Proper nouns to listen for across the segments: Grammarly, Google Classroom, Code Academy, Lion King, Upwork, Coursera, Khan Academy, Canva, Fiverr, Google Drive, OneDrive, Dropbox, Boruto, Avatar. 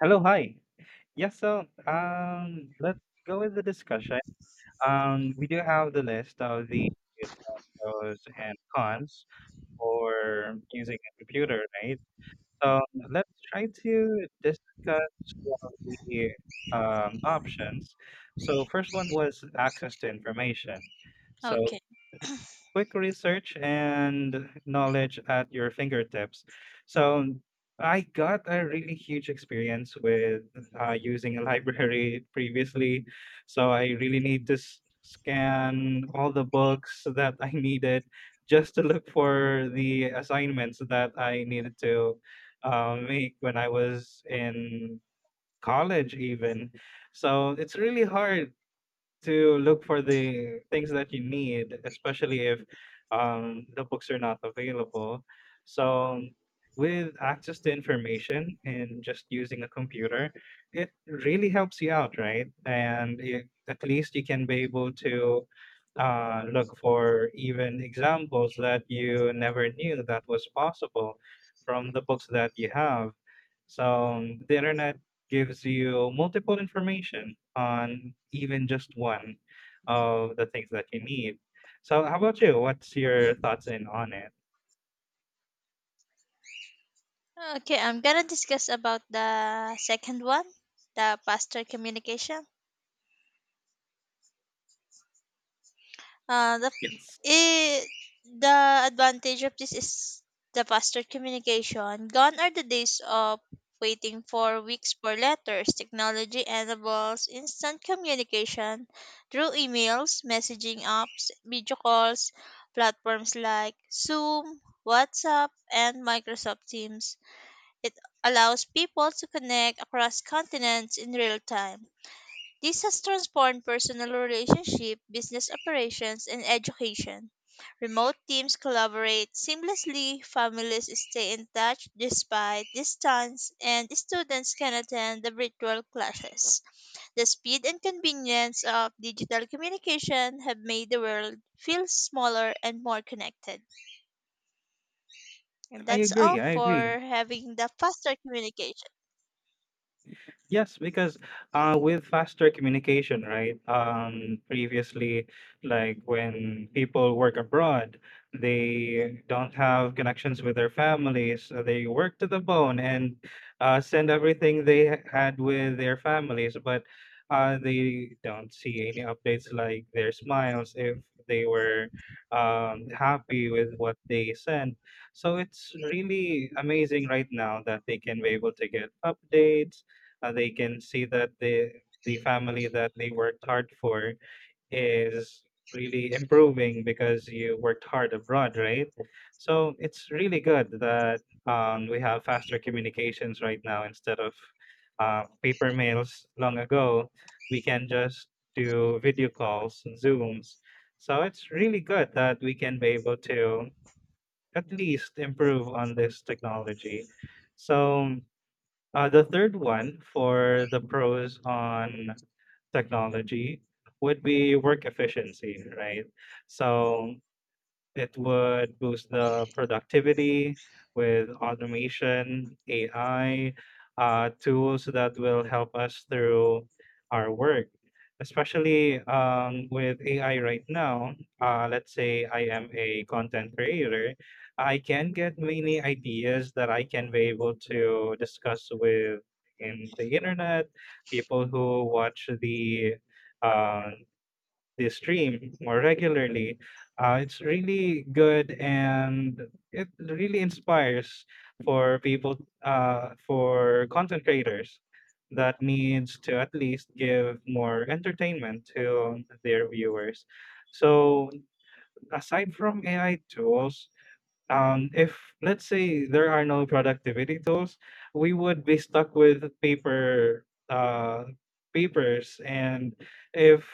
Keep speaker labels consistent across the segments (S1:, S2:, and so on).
S1: Hello, hi. Let's go with the discussion. We do have the list of the pros and cons for using a computer, right? So let's try to discuss one of the options. So first one was access to information. So
S2: Okay.
S1: quick research and knowledge at your fingertips. So I got a really huge experience with using a library previously. So I really need to scan all the books that I needed just to look for the assignments that I needed to make when I was in college, even. So it's really hard to look for the things that you need, especially if the books are not available. So with access to information and just using a computer, it really helps you out, right? And at least you can be able to look for even examples that you never knew that was possible from the books that you have. So the internet gives you multiple information on even just one of the things that you need. So how about you? What's your thoughts in on it?
S2: Okay, I'm gonna discuss about the second one, the pastor communication. Uh, the
S1: Yes.
S2: it, the advantage of this is the faster communication. Gone are the days of waiting for weeks for letters. Technology enables instant communication through emails, messaging apps, video calls, platforms like Zoom, WhatsApp, and Microsoft Teams. It allows people to connect across continents in real time. This has transformed personal relationships, business operations, and education. Remote teams collaborate seamlessly, families stay in touch despite distance, and students can attend the virtual classes. The speed and convenience of digital communication have made the world feel smaller and more connected. And
S1: I
S2: that's all
S1: agree, I agree.
S2: for having the faster communication.
S1: Yes, because with faster communication, right? Previously, like when people work abroad, they don't have connections with their families. So they work to the bone and send everything they had with their families, but they don't see any updates like their smiles if they were happy with what they sent. So it's really amazing right now that they can be able to get updates they can see that the family that they worked hard for is really improving because you worked hard abroad, right? So it's really good that we have faster communications right now instead of paper mails long ago. We can just do video calls and Zooms. So it's really good that we can be able to at least improve on this technology. So the third one for the pros on technology would be work efficiency, right? So it would boost the productivity with automation, AI, tools that will help us through our work. Especially with AI right now, let's say I am a content creator, I can get many ideas that I can be able to discuss with in the internet, people who watch the uh, they stream more regularly. It's really good and it really inspires for people for content creators that needs to at least give more entertainment to their viewers. So aside from AI tools, if let's say there are no productivity tools, we would be stuck with papers, and if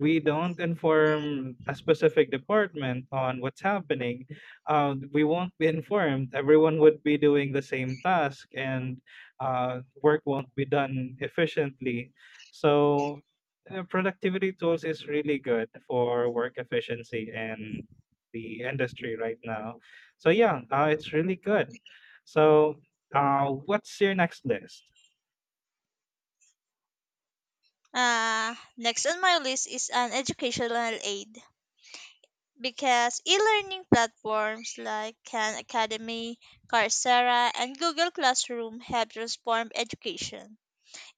S1: we don't inform a specific department on what's happening, we won't be informed. Everyone would be doing the same task, and work won't be done efficiently. So. Productivity tools is really good for work efficiency and the industry right now. So yeah, it's really good. So what's your next list?
S2: Next on my list is an educational aid because e-learning platforms like Khan Academy, Coursera, and Google Classroom have transformed education.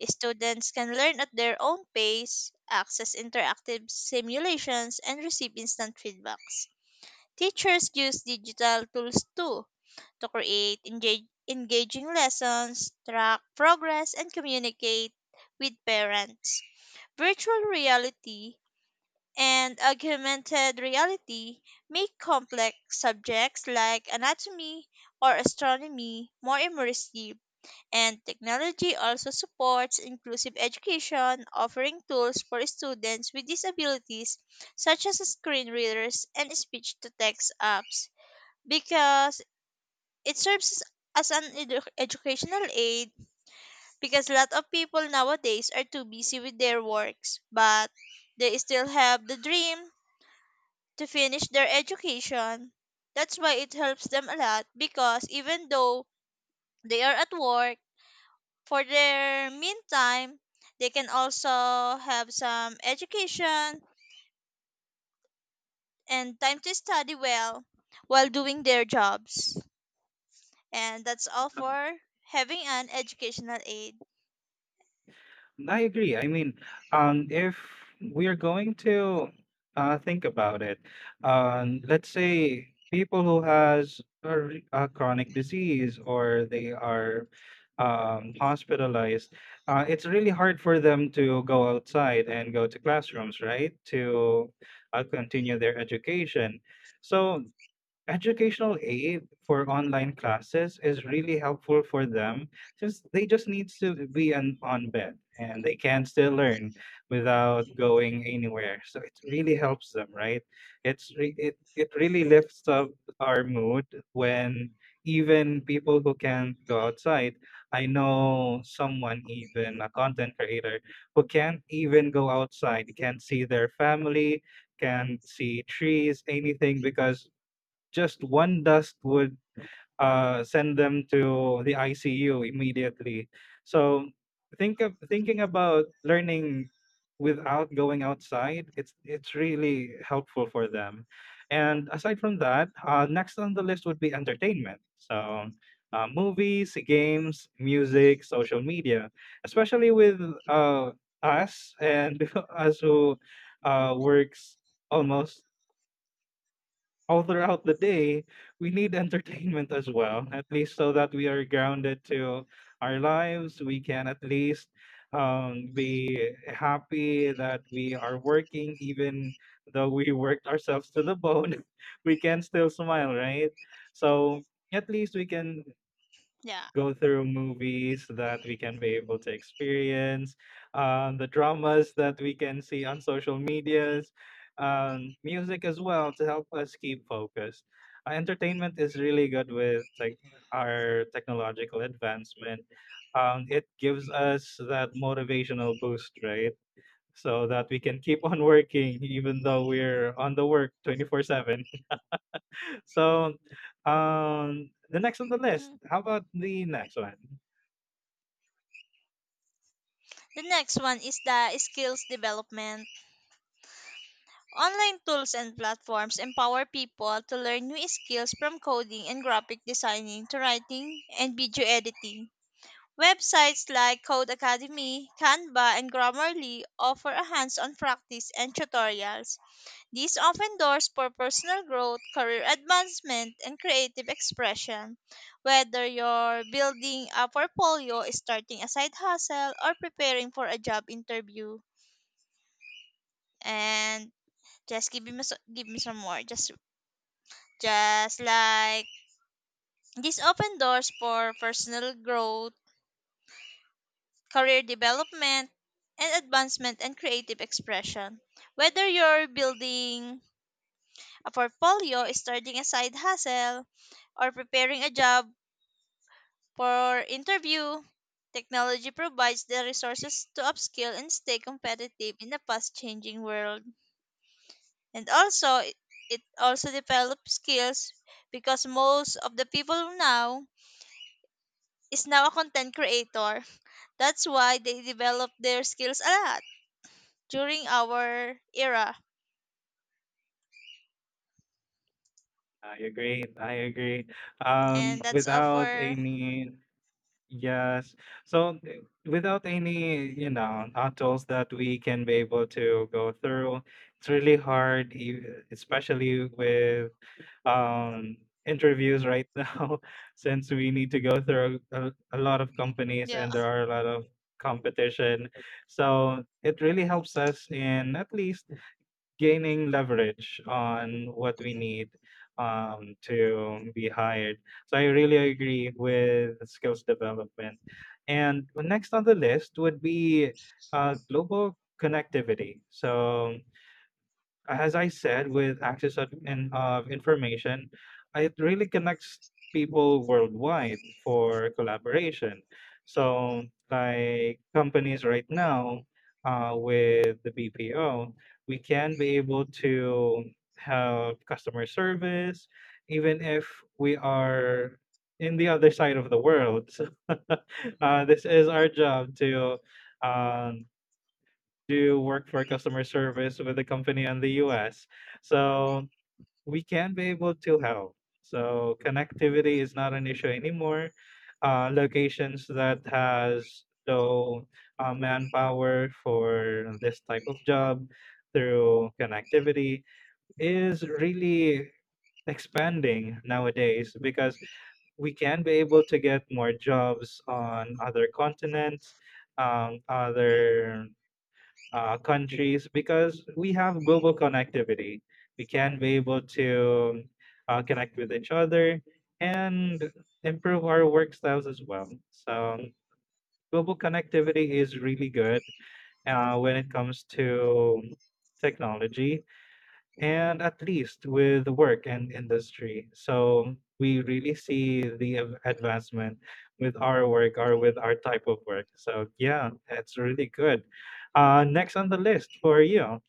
S2: Students can learn at their own pace, access interactive simulations, and receive instant feedbacks. Teachers use digital tools too to create engaging lessons, track progress, and communicate with parents. Virtual reality and augmented reality make complex subjects like anatomy or astronomy more immersive. And technology also supports inclusive education, offering tools for students with disabilities such as screen readers and speech to text apps because it serves as an educational aid because a lot of people nowadays are too busy with their works but they still have the dream to finish their education. That's why it helps them a lot because even though they are at work, for their meantime, they can also have some education and time to study well while doing their jobs. And that's all for having an educational aid.
S1: I agree. I mean, if we're going to think about it, let's say people who has a chronic disease or they are hospitalized, it's really hard for them to go outside and go to classrooms, right? To continue their education. So educational aid for online classes is really helpful for them since they just needs to be on bed and they can still learn without going anywhere. So it really helps them, right? It's re- it really lifts up our mood when even people who can't go outside. I know someone, even a content creator who can't even go outside, can't see their family, can't see trees, anything because just one dust would send them to the ICU immediately. So thinking about learning without going outside, it's really helpful for them. And aside from that, next on the list would be entertainment. So movies, games, music, social media, especially with uh, us and us who works almost all throughout the day, we need entertainment as well, at least so that we are grounded to our lives. We can at least be happy that we are working, even though we worked ourselves to the bone, we can still smile, right? So at least we can
S2: Yeah.
S1: go through movies that we can be able to experience, the dramas that we can see on social medias, music as well to help us keep focused. Entertainment is really good with like our technological advancement. It gives us that motivational boost, right? So that we can keep on working even though we're on the work 24/7. So, the next on the list,
S2: Mm.
S1: how about the next one?
S2: The next one is the skills development. Online tools and platforms empower people to learn new skills from coding and graphic designing to writing and video editing. Websites like Code Academy, Canva, and Grammarly offer a hands on practice and tutorials. These open doors for personal growth, career advancement, and creative expression. Whether you're building a portfolio, starting a side hustle, or preparing for a job interview. And just give me, give me some more. Just like this open doors for personal growth, career development, and advancement and creative expression. Whether you're building a portfolio, starting a side hustle, or preparing a job for interview, technology provides the resources to upskill and stay competitive in the fast changing world. And also, it also develops skills because most of the people now is now a content creator. That's why they develop their skills a lot during our era.
S1: I agree, I agree.
S2: And that's all
S1: Without
S2: for
S1: any, yes. So without any tools that we can be able to go through, it's really hard, especially with um interviews right now, since we need to go through a lot of companies
S2: yeah.
S1: and there are a lot of competition. So it really helps us in at least gaining leverage on what we need to be hired. So I really agree with skills development. And next on the list would be global connectivity. So as I said, with access of information, it really connects people worldwide for collaboration. So, like companies right now with the BPO, we can be able to have customer service, even if we are in the other side of the world. So, this is our job to. Um, do work for customer service with a company in the US. So we can be able to help. So connectivity is not an issue anymore. Locations that has low manpower for this type of job through connectivity is really expanding nowadays because we can be able to get more jobs on other continents, other countries because we have global connectivity. We can be able to connect with each other and improve our work styles as well. So global connectivity is really good when it comes to technology and at least with work and industry. So we really see the advancement with our work or with our type of work. So yeah, it's really good. Next on the list for you.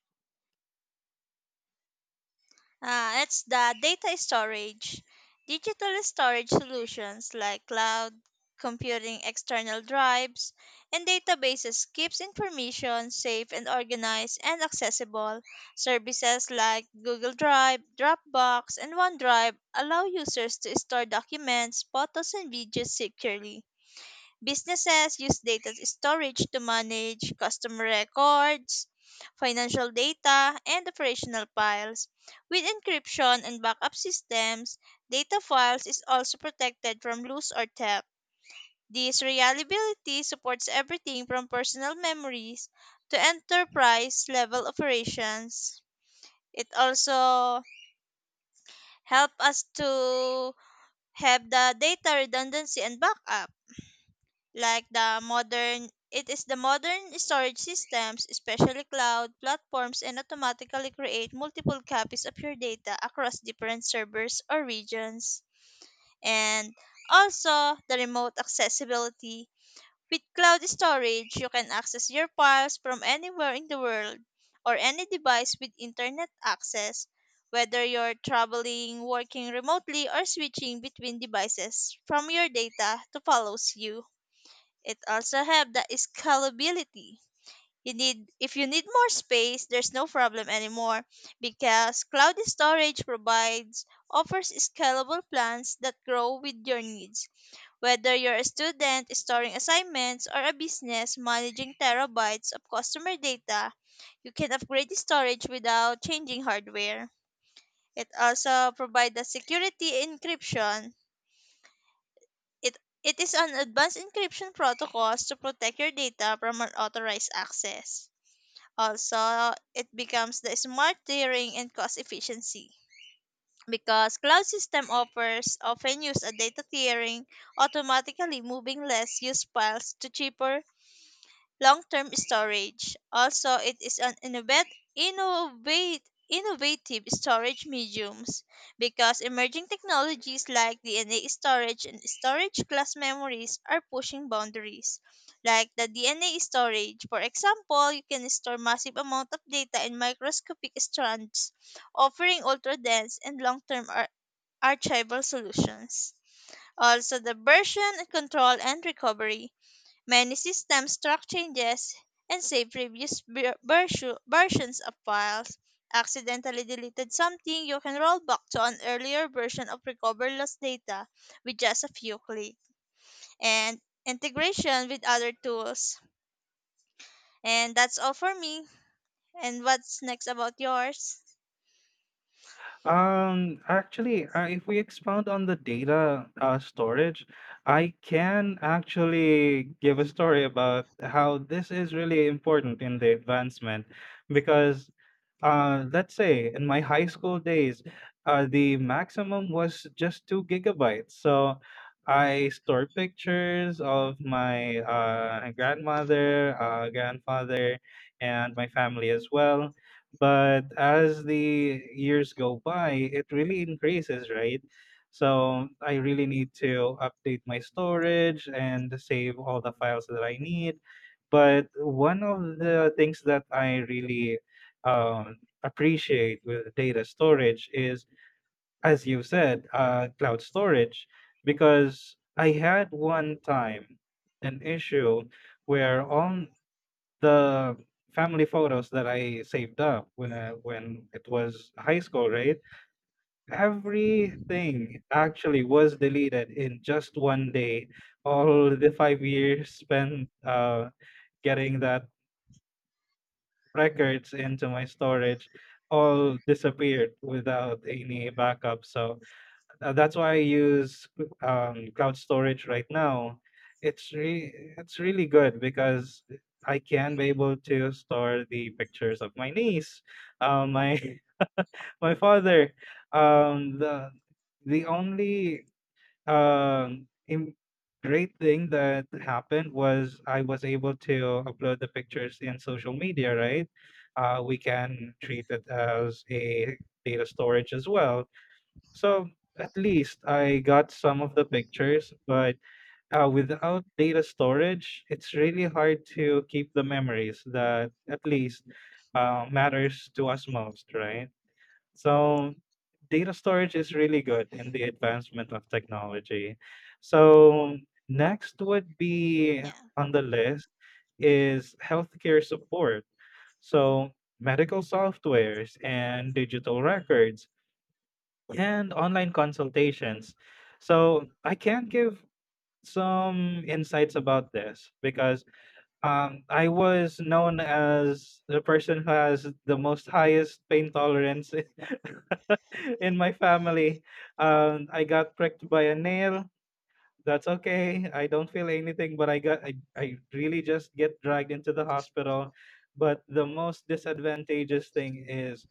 S2: It's the data storage. Digital storage solutions like cloud computing, external drives, and databases keeps information safe and organized and accessible. Services like Google Drive, Dropbox, and OneDrive allow users to store documents, photos, and videos securely. Businesses use data storage to manage customer records, financial data, and operational files. With encryption and backup systems, data files is also protected from loss or theft. This reliability supports everything from personal memories to enterprise level operations. It also helps us to have the data redundancy and backup like the modern it is the modern storage systems, especially cloud platforms, and automatically create multiple copies of your data across different servers or regions. And also the remote accessibility. With cloud storage, you can access your files from anywhere in the world or any device with internet access, whether you're traveling, working remotely, or switching between devices from your data to follows you. It also have the scalability. You need if you need more space, there's no problem anymore because cloud storage provides offers scalable plans that grow with your needs. Whether you're a student storing assignments or a business managing terabytes of customer data, you can upgrade the storage without changing hardware. It also provides the security encryption it it is an advanced encryption protocol to protect your data from unauthorized access. Also, it becomes the smart tiering and cost efficiency because cloud system offers often use a data tiering, automatically moving less used files to cheaper long-term storage. Also, it is an innovative storage mediums because emerging technologies like DNA storage and storage class memories are pushing boundaries. Like the DNA storage, for example, you can store massive amount of data in microscopic strands, offering ultra-dense and archival solutions. Also, the version control and recovery. Many systems track changes and save previous versions of files. Accidentally deleted something, you can roll back to an earlier version of recover lost data with just a few clicks. And integration with other tools. And that's all for me. And what's next about yours?
S1: Actually, if we expound on the data storage, I can actually give a story about how this is really important in the advancement because, let's say in my high school days, the maximum was just 2 GB. So I stored pictures of my grandmother, grandfather, and my family as well, but as the years go by, it really increases, right? So I really need to update my storage and save all the files that I need. But one of the things that I really um, appreciate with data storage is, as you said, cloud storage, because I had one time an issue where on the family photos that I saved up when it was high school, right? Everything actually was deleted in just one day. All the 5 years spent getting that records into my storage all disappeared without any backup. So that's why I use cloud storage right now. It's re- it's really good because I can be able to store the pictures of my niece, my my father. Um, the the um, im- great thing that happened was I was able to upload the pictures in social media. Right, we can treat it as a data storage as well, so at least I got some of the pictures, but without data storage, it's really hard to keep the memories that at least matters to us most, right? So data storage is really good in the advancement of technology. So next would be
S2: Yeah.
S1: on the list is healthcare support. So medical softwares and digital records and online consultations. So I can give some insights about this because I was known as the person who has the most highest pain tolerance in my family. I got pricked by a nail. That's okay. I don't feel anything, but I really just get dragged into the hospital. But the most disadvantageous thing is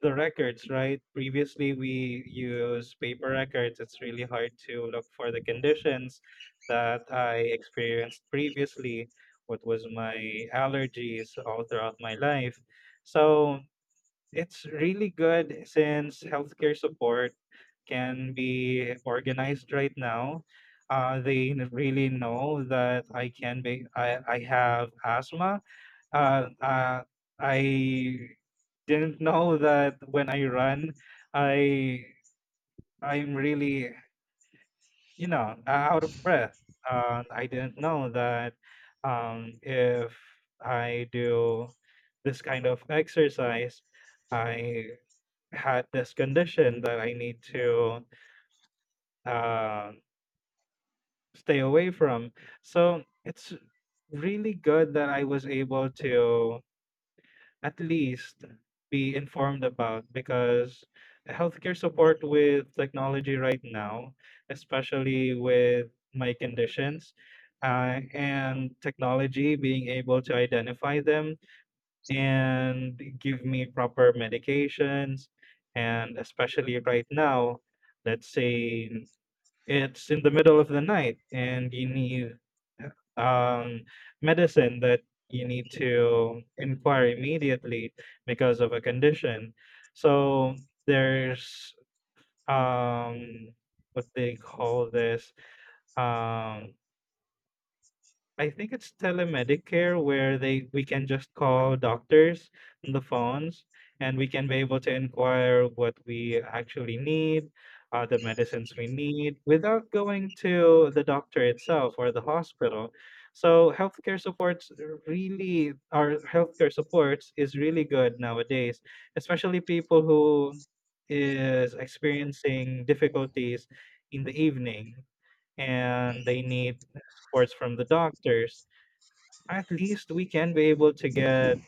S1: the records, right? Previously, we use paper records. It's really hard to look for the conditions that I experienced previously, what was my allergies all throughout my life. So it's really good since healthcare support can be organized right now. They really know that I have asthma. Uh, uh, I didn't know that when I run, I I'm really, you know, out of breath. I didn't know that if I do this kind of exercise, I had this condition that I need to uh, stay away from. So it's really good that I was able to at least be informed about because healthcare support with technology right now, especially with my conditions and technology being able to identify them and give me proper medications. And especially right now, let's say it's in the middle of the night and you need um, medicine that you need to inquire immediately because of a condition. So there's um, what they call this, um, I think it's telemedicare where they we can just call doctors on the phones and we can be able to inquire what we actually need, the medicines we need without going to the doctor itself or the hospital. So healthcare supports is really good nowadays, especially people who is experiencing difficulties in the evening and they need supports from the doctors. At least we can be able to get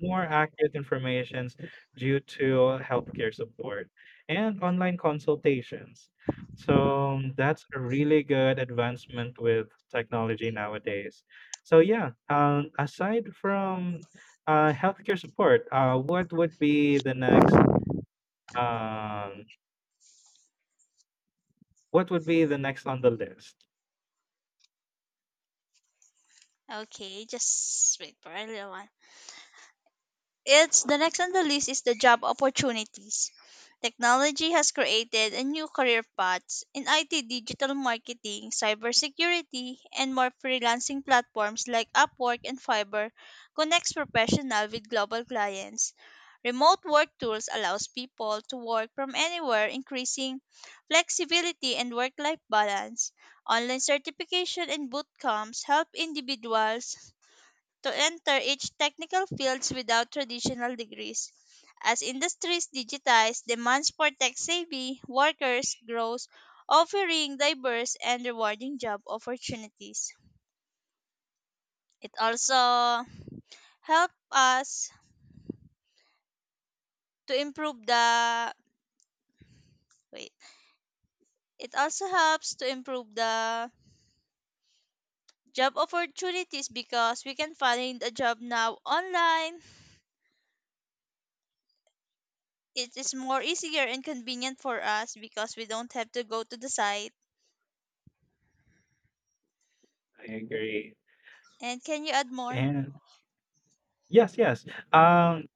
S1: more accurate informations due to healthcare support and online consultations. So that's a really good advancement with technology nowadays. So yeah, aside from healthcare support, what would be the next? Um, what would be the next on the list?
S2: Okay, just wait for a little while. It's the next on the list is the job opportunities. Technology has created a new career paths in IT, digital marketing, cybersecurity, and more freelancing platforms like Upwork and Fiverr connects professional with global clients. Remote work tools allows people to work from anywhere, increasing flexibility and work-life balance. Online certification and boot camps help individuals to enter each technical fields without traditional degrees. As industries digitize, demands for tech-savvy workers grows, offering diverse and rewarding job opportunities. It also helps us to improve the wait. It also helps to improve the job opportunities because we can find a job now online. It is more easier and convenient for us because we don't have to go to the site.
S1: I agree.
S2: And can you add more?
S1: And Yes, yes. Um,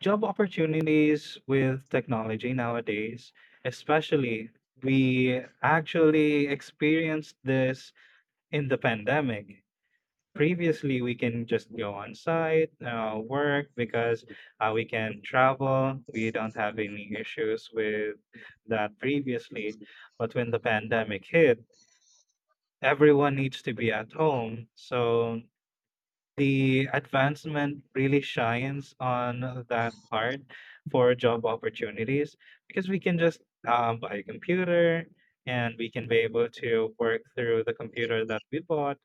S1: job opportunities with technology nowadays, especially, we actually experienced this in the pandemic. Previously, we can just go on site, work because we can travel. We don't have any issues with that previously. But when the pandemic hit, everyone needs to be at home. So the advancement really shines on that part for job opportunities because we can just buy a computer and we can be able to work through the computer that we bought.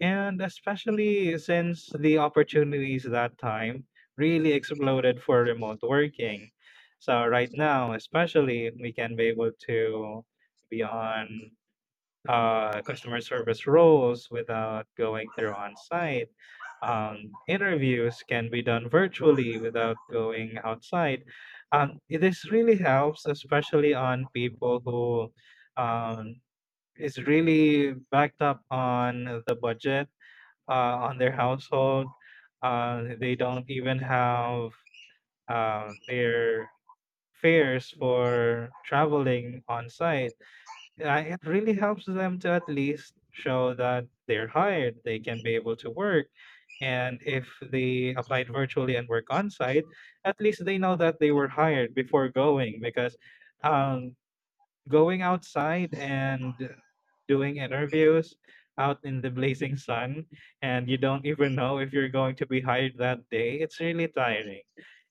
S1: And especially since the opportunities that time really exploded for remote working. So, right now, especially, we can be able to be on customer service roles without going through on site. Interviews can be done virtually without going outside. This really helps, especially on people who um, is really backed up on the budget on their household. They don't even have their fares for traveling on site. Uh, it really helps them to at least show that they're hired, they can be able to work. And if they applied virtually and work on site, at least they know that they were hired before going because, um, going outside and doing interviews out in the blazing sun and you don't even know if you're going to be hired that day, it's really tiring.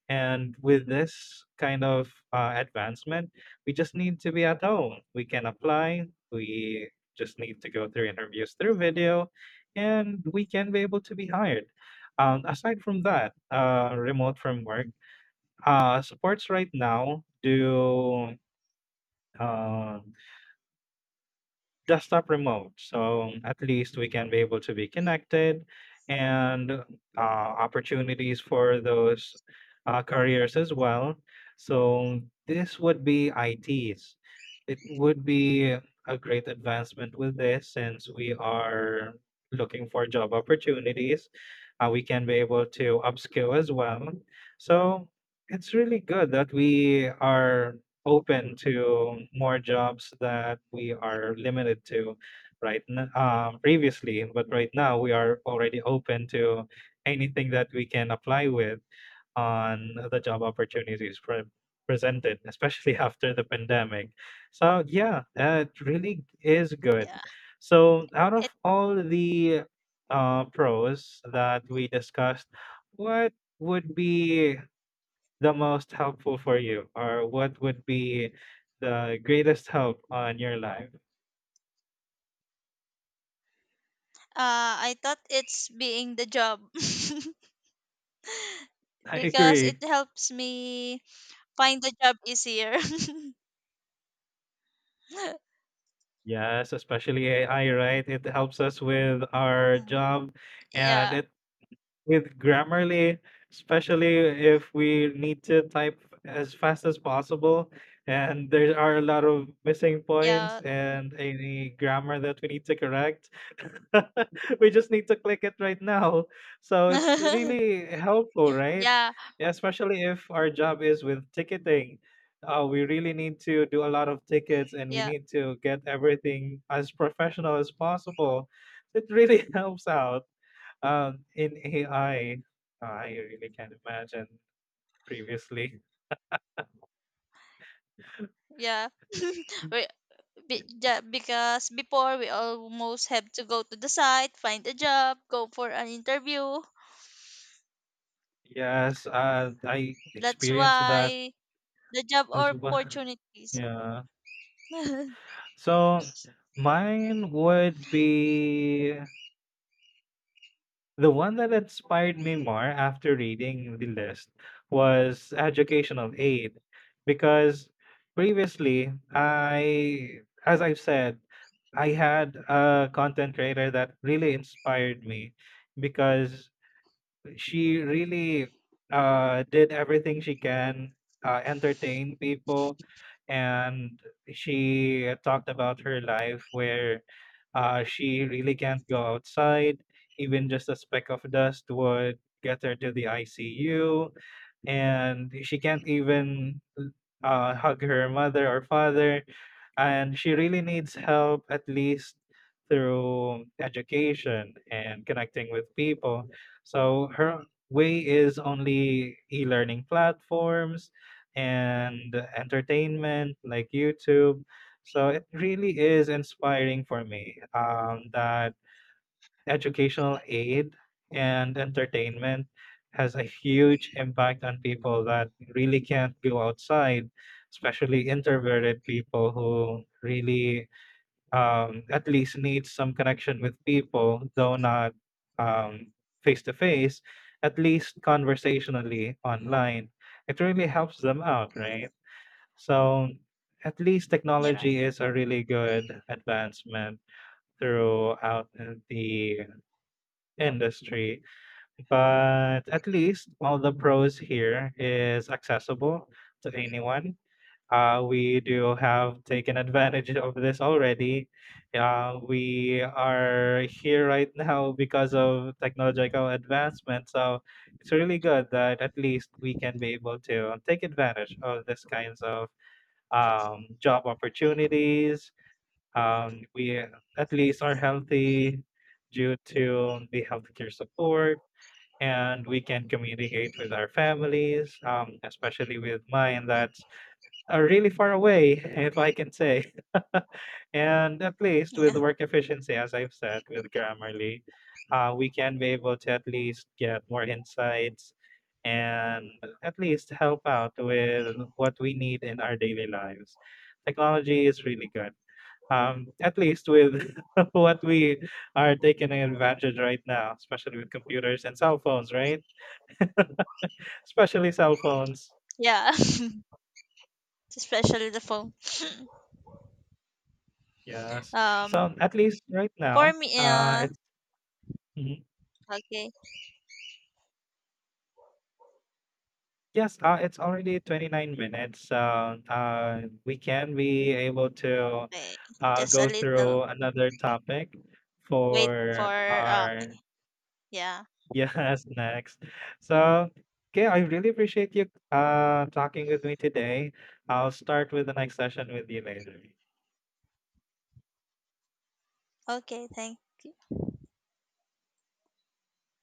S1: And with this kind of advancement, we just need to be at home. We can apply. We just need to go through interviews through video, and we can be able to be hired. Aside from that, remote from work, supports right now do. Uh, Desktop remote. So at least we can be able to be connected and opportunities for those careers as well. So this would be ITs. It would be a great advancement with this since we are looking for job opportunities. We can be able to upskill as well. So it's really good that we are open to more jobs that we are limited to previously, but right now we are already open to anything that we can apply with on the job opportunities presented, especially after the pandemic. So yeah, that really is good.
S2: Yeah.
S1: So out
S2: It
S1: of all the pros that we discussed, what would be the most helpful for you or what would be the greatest help on your life?
S2: I thought it's being the job
S1: I
S2: because it
S1: agree.
S2: helps me find the job easier.
S1: Yes, especially AI, right? It helps us with our
S2: Um,
S1: job and
S2: yeah.
S1: it With Grammarly, especially if we need to type as fast as possible, and there are a lot of missing
S2: Yeah.
S1: points and any grammar that we need to correct, we just need to click it right now. So it's really helpful, right?
S2: yeah.
S1: Yeah, especially if our job is with ticketing. We really need to do a lot of tickets and we
S2: Yeah.
S1: need to get everything as professional as possible. It really helps out. In AI, I really can't imagine previously.
S2: Yeah. We, yeah. Because before we almost have to go to the site, find a job, go for an interview.
S1: Yes, I
S2: That's
S1: experienced that
S2: why the job
S1: as well.
S2: opportunities.
S1: Yeah. So mine would be— the one that inspired me more after reading the list was educational aid because previously, I as I've said, I had a content creator that really inspired me because she really did everything she can, entertain people, and she talked about her life where she really can't go outside. Even just a speck of dust would get her to the ICU and she can't even hug her mother or father, and she really needs help at least through education and connecting with people. So her way is only e-learning platforms and entertainment like YouTube. So it really is inspiring for me, that educational aid and entertainment has a huge impact on people that really can't go outside, especially introverted people who really at least need some connection with people, though not um, face to face, at least conversationally online. It really helps them out, right? So at least
S2: You're right.
S1: technology is a really good advancement throughout the industry. But at least all the pros here is accessible to anyone. We do have taken advantage of this already. We are here right now because of technological advancement. So it's really good that at least we can be able to take advantage of this kinds of job opportunities. We at least are healthy due to the healthcare support, and we can communicate with our families, especially with mine that's really far away, if I can say. And at least with
S2: Yeah.
S1: work efficiency, as I've said, with Grammarly, we can be able to at least get more insights and at least help out with what we need in our daily lives. Technology is really good. At least with what we are taking advantage right now, especially with computers and cell phones, right? Especially cell phones.
S2: Yeah. Especially the phone.
S1: Yes.
S2: Um
S1: So at least right
S2: for
S1: now,
S2: me
S1: it's mhm.
S2: okay.
S1: Yes, it's already 29 minutes. So we can be able to
S2: Okay, just a
S1: go
S2: little
S1: through another topic
S2: wait
S1: for
S2: for uh
S1: our
S2: yeah.
S1: yes next. So okay, I really appreciate you talking with me today. I'll start with the next session with you later.
S2: Okay, thank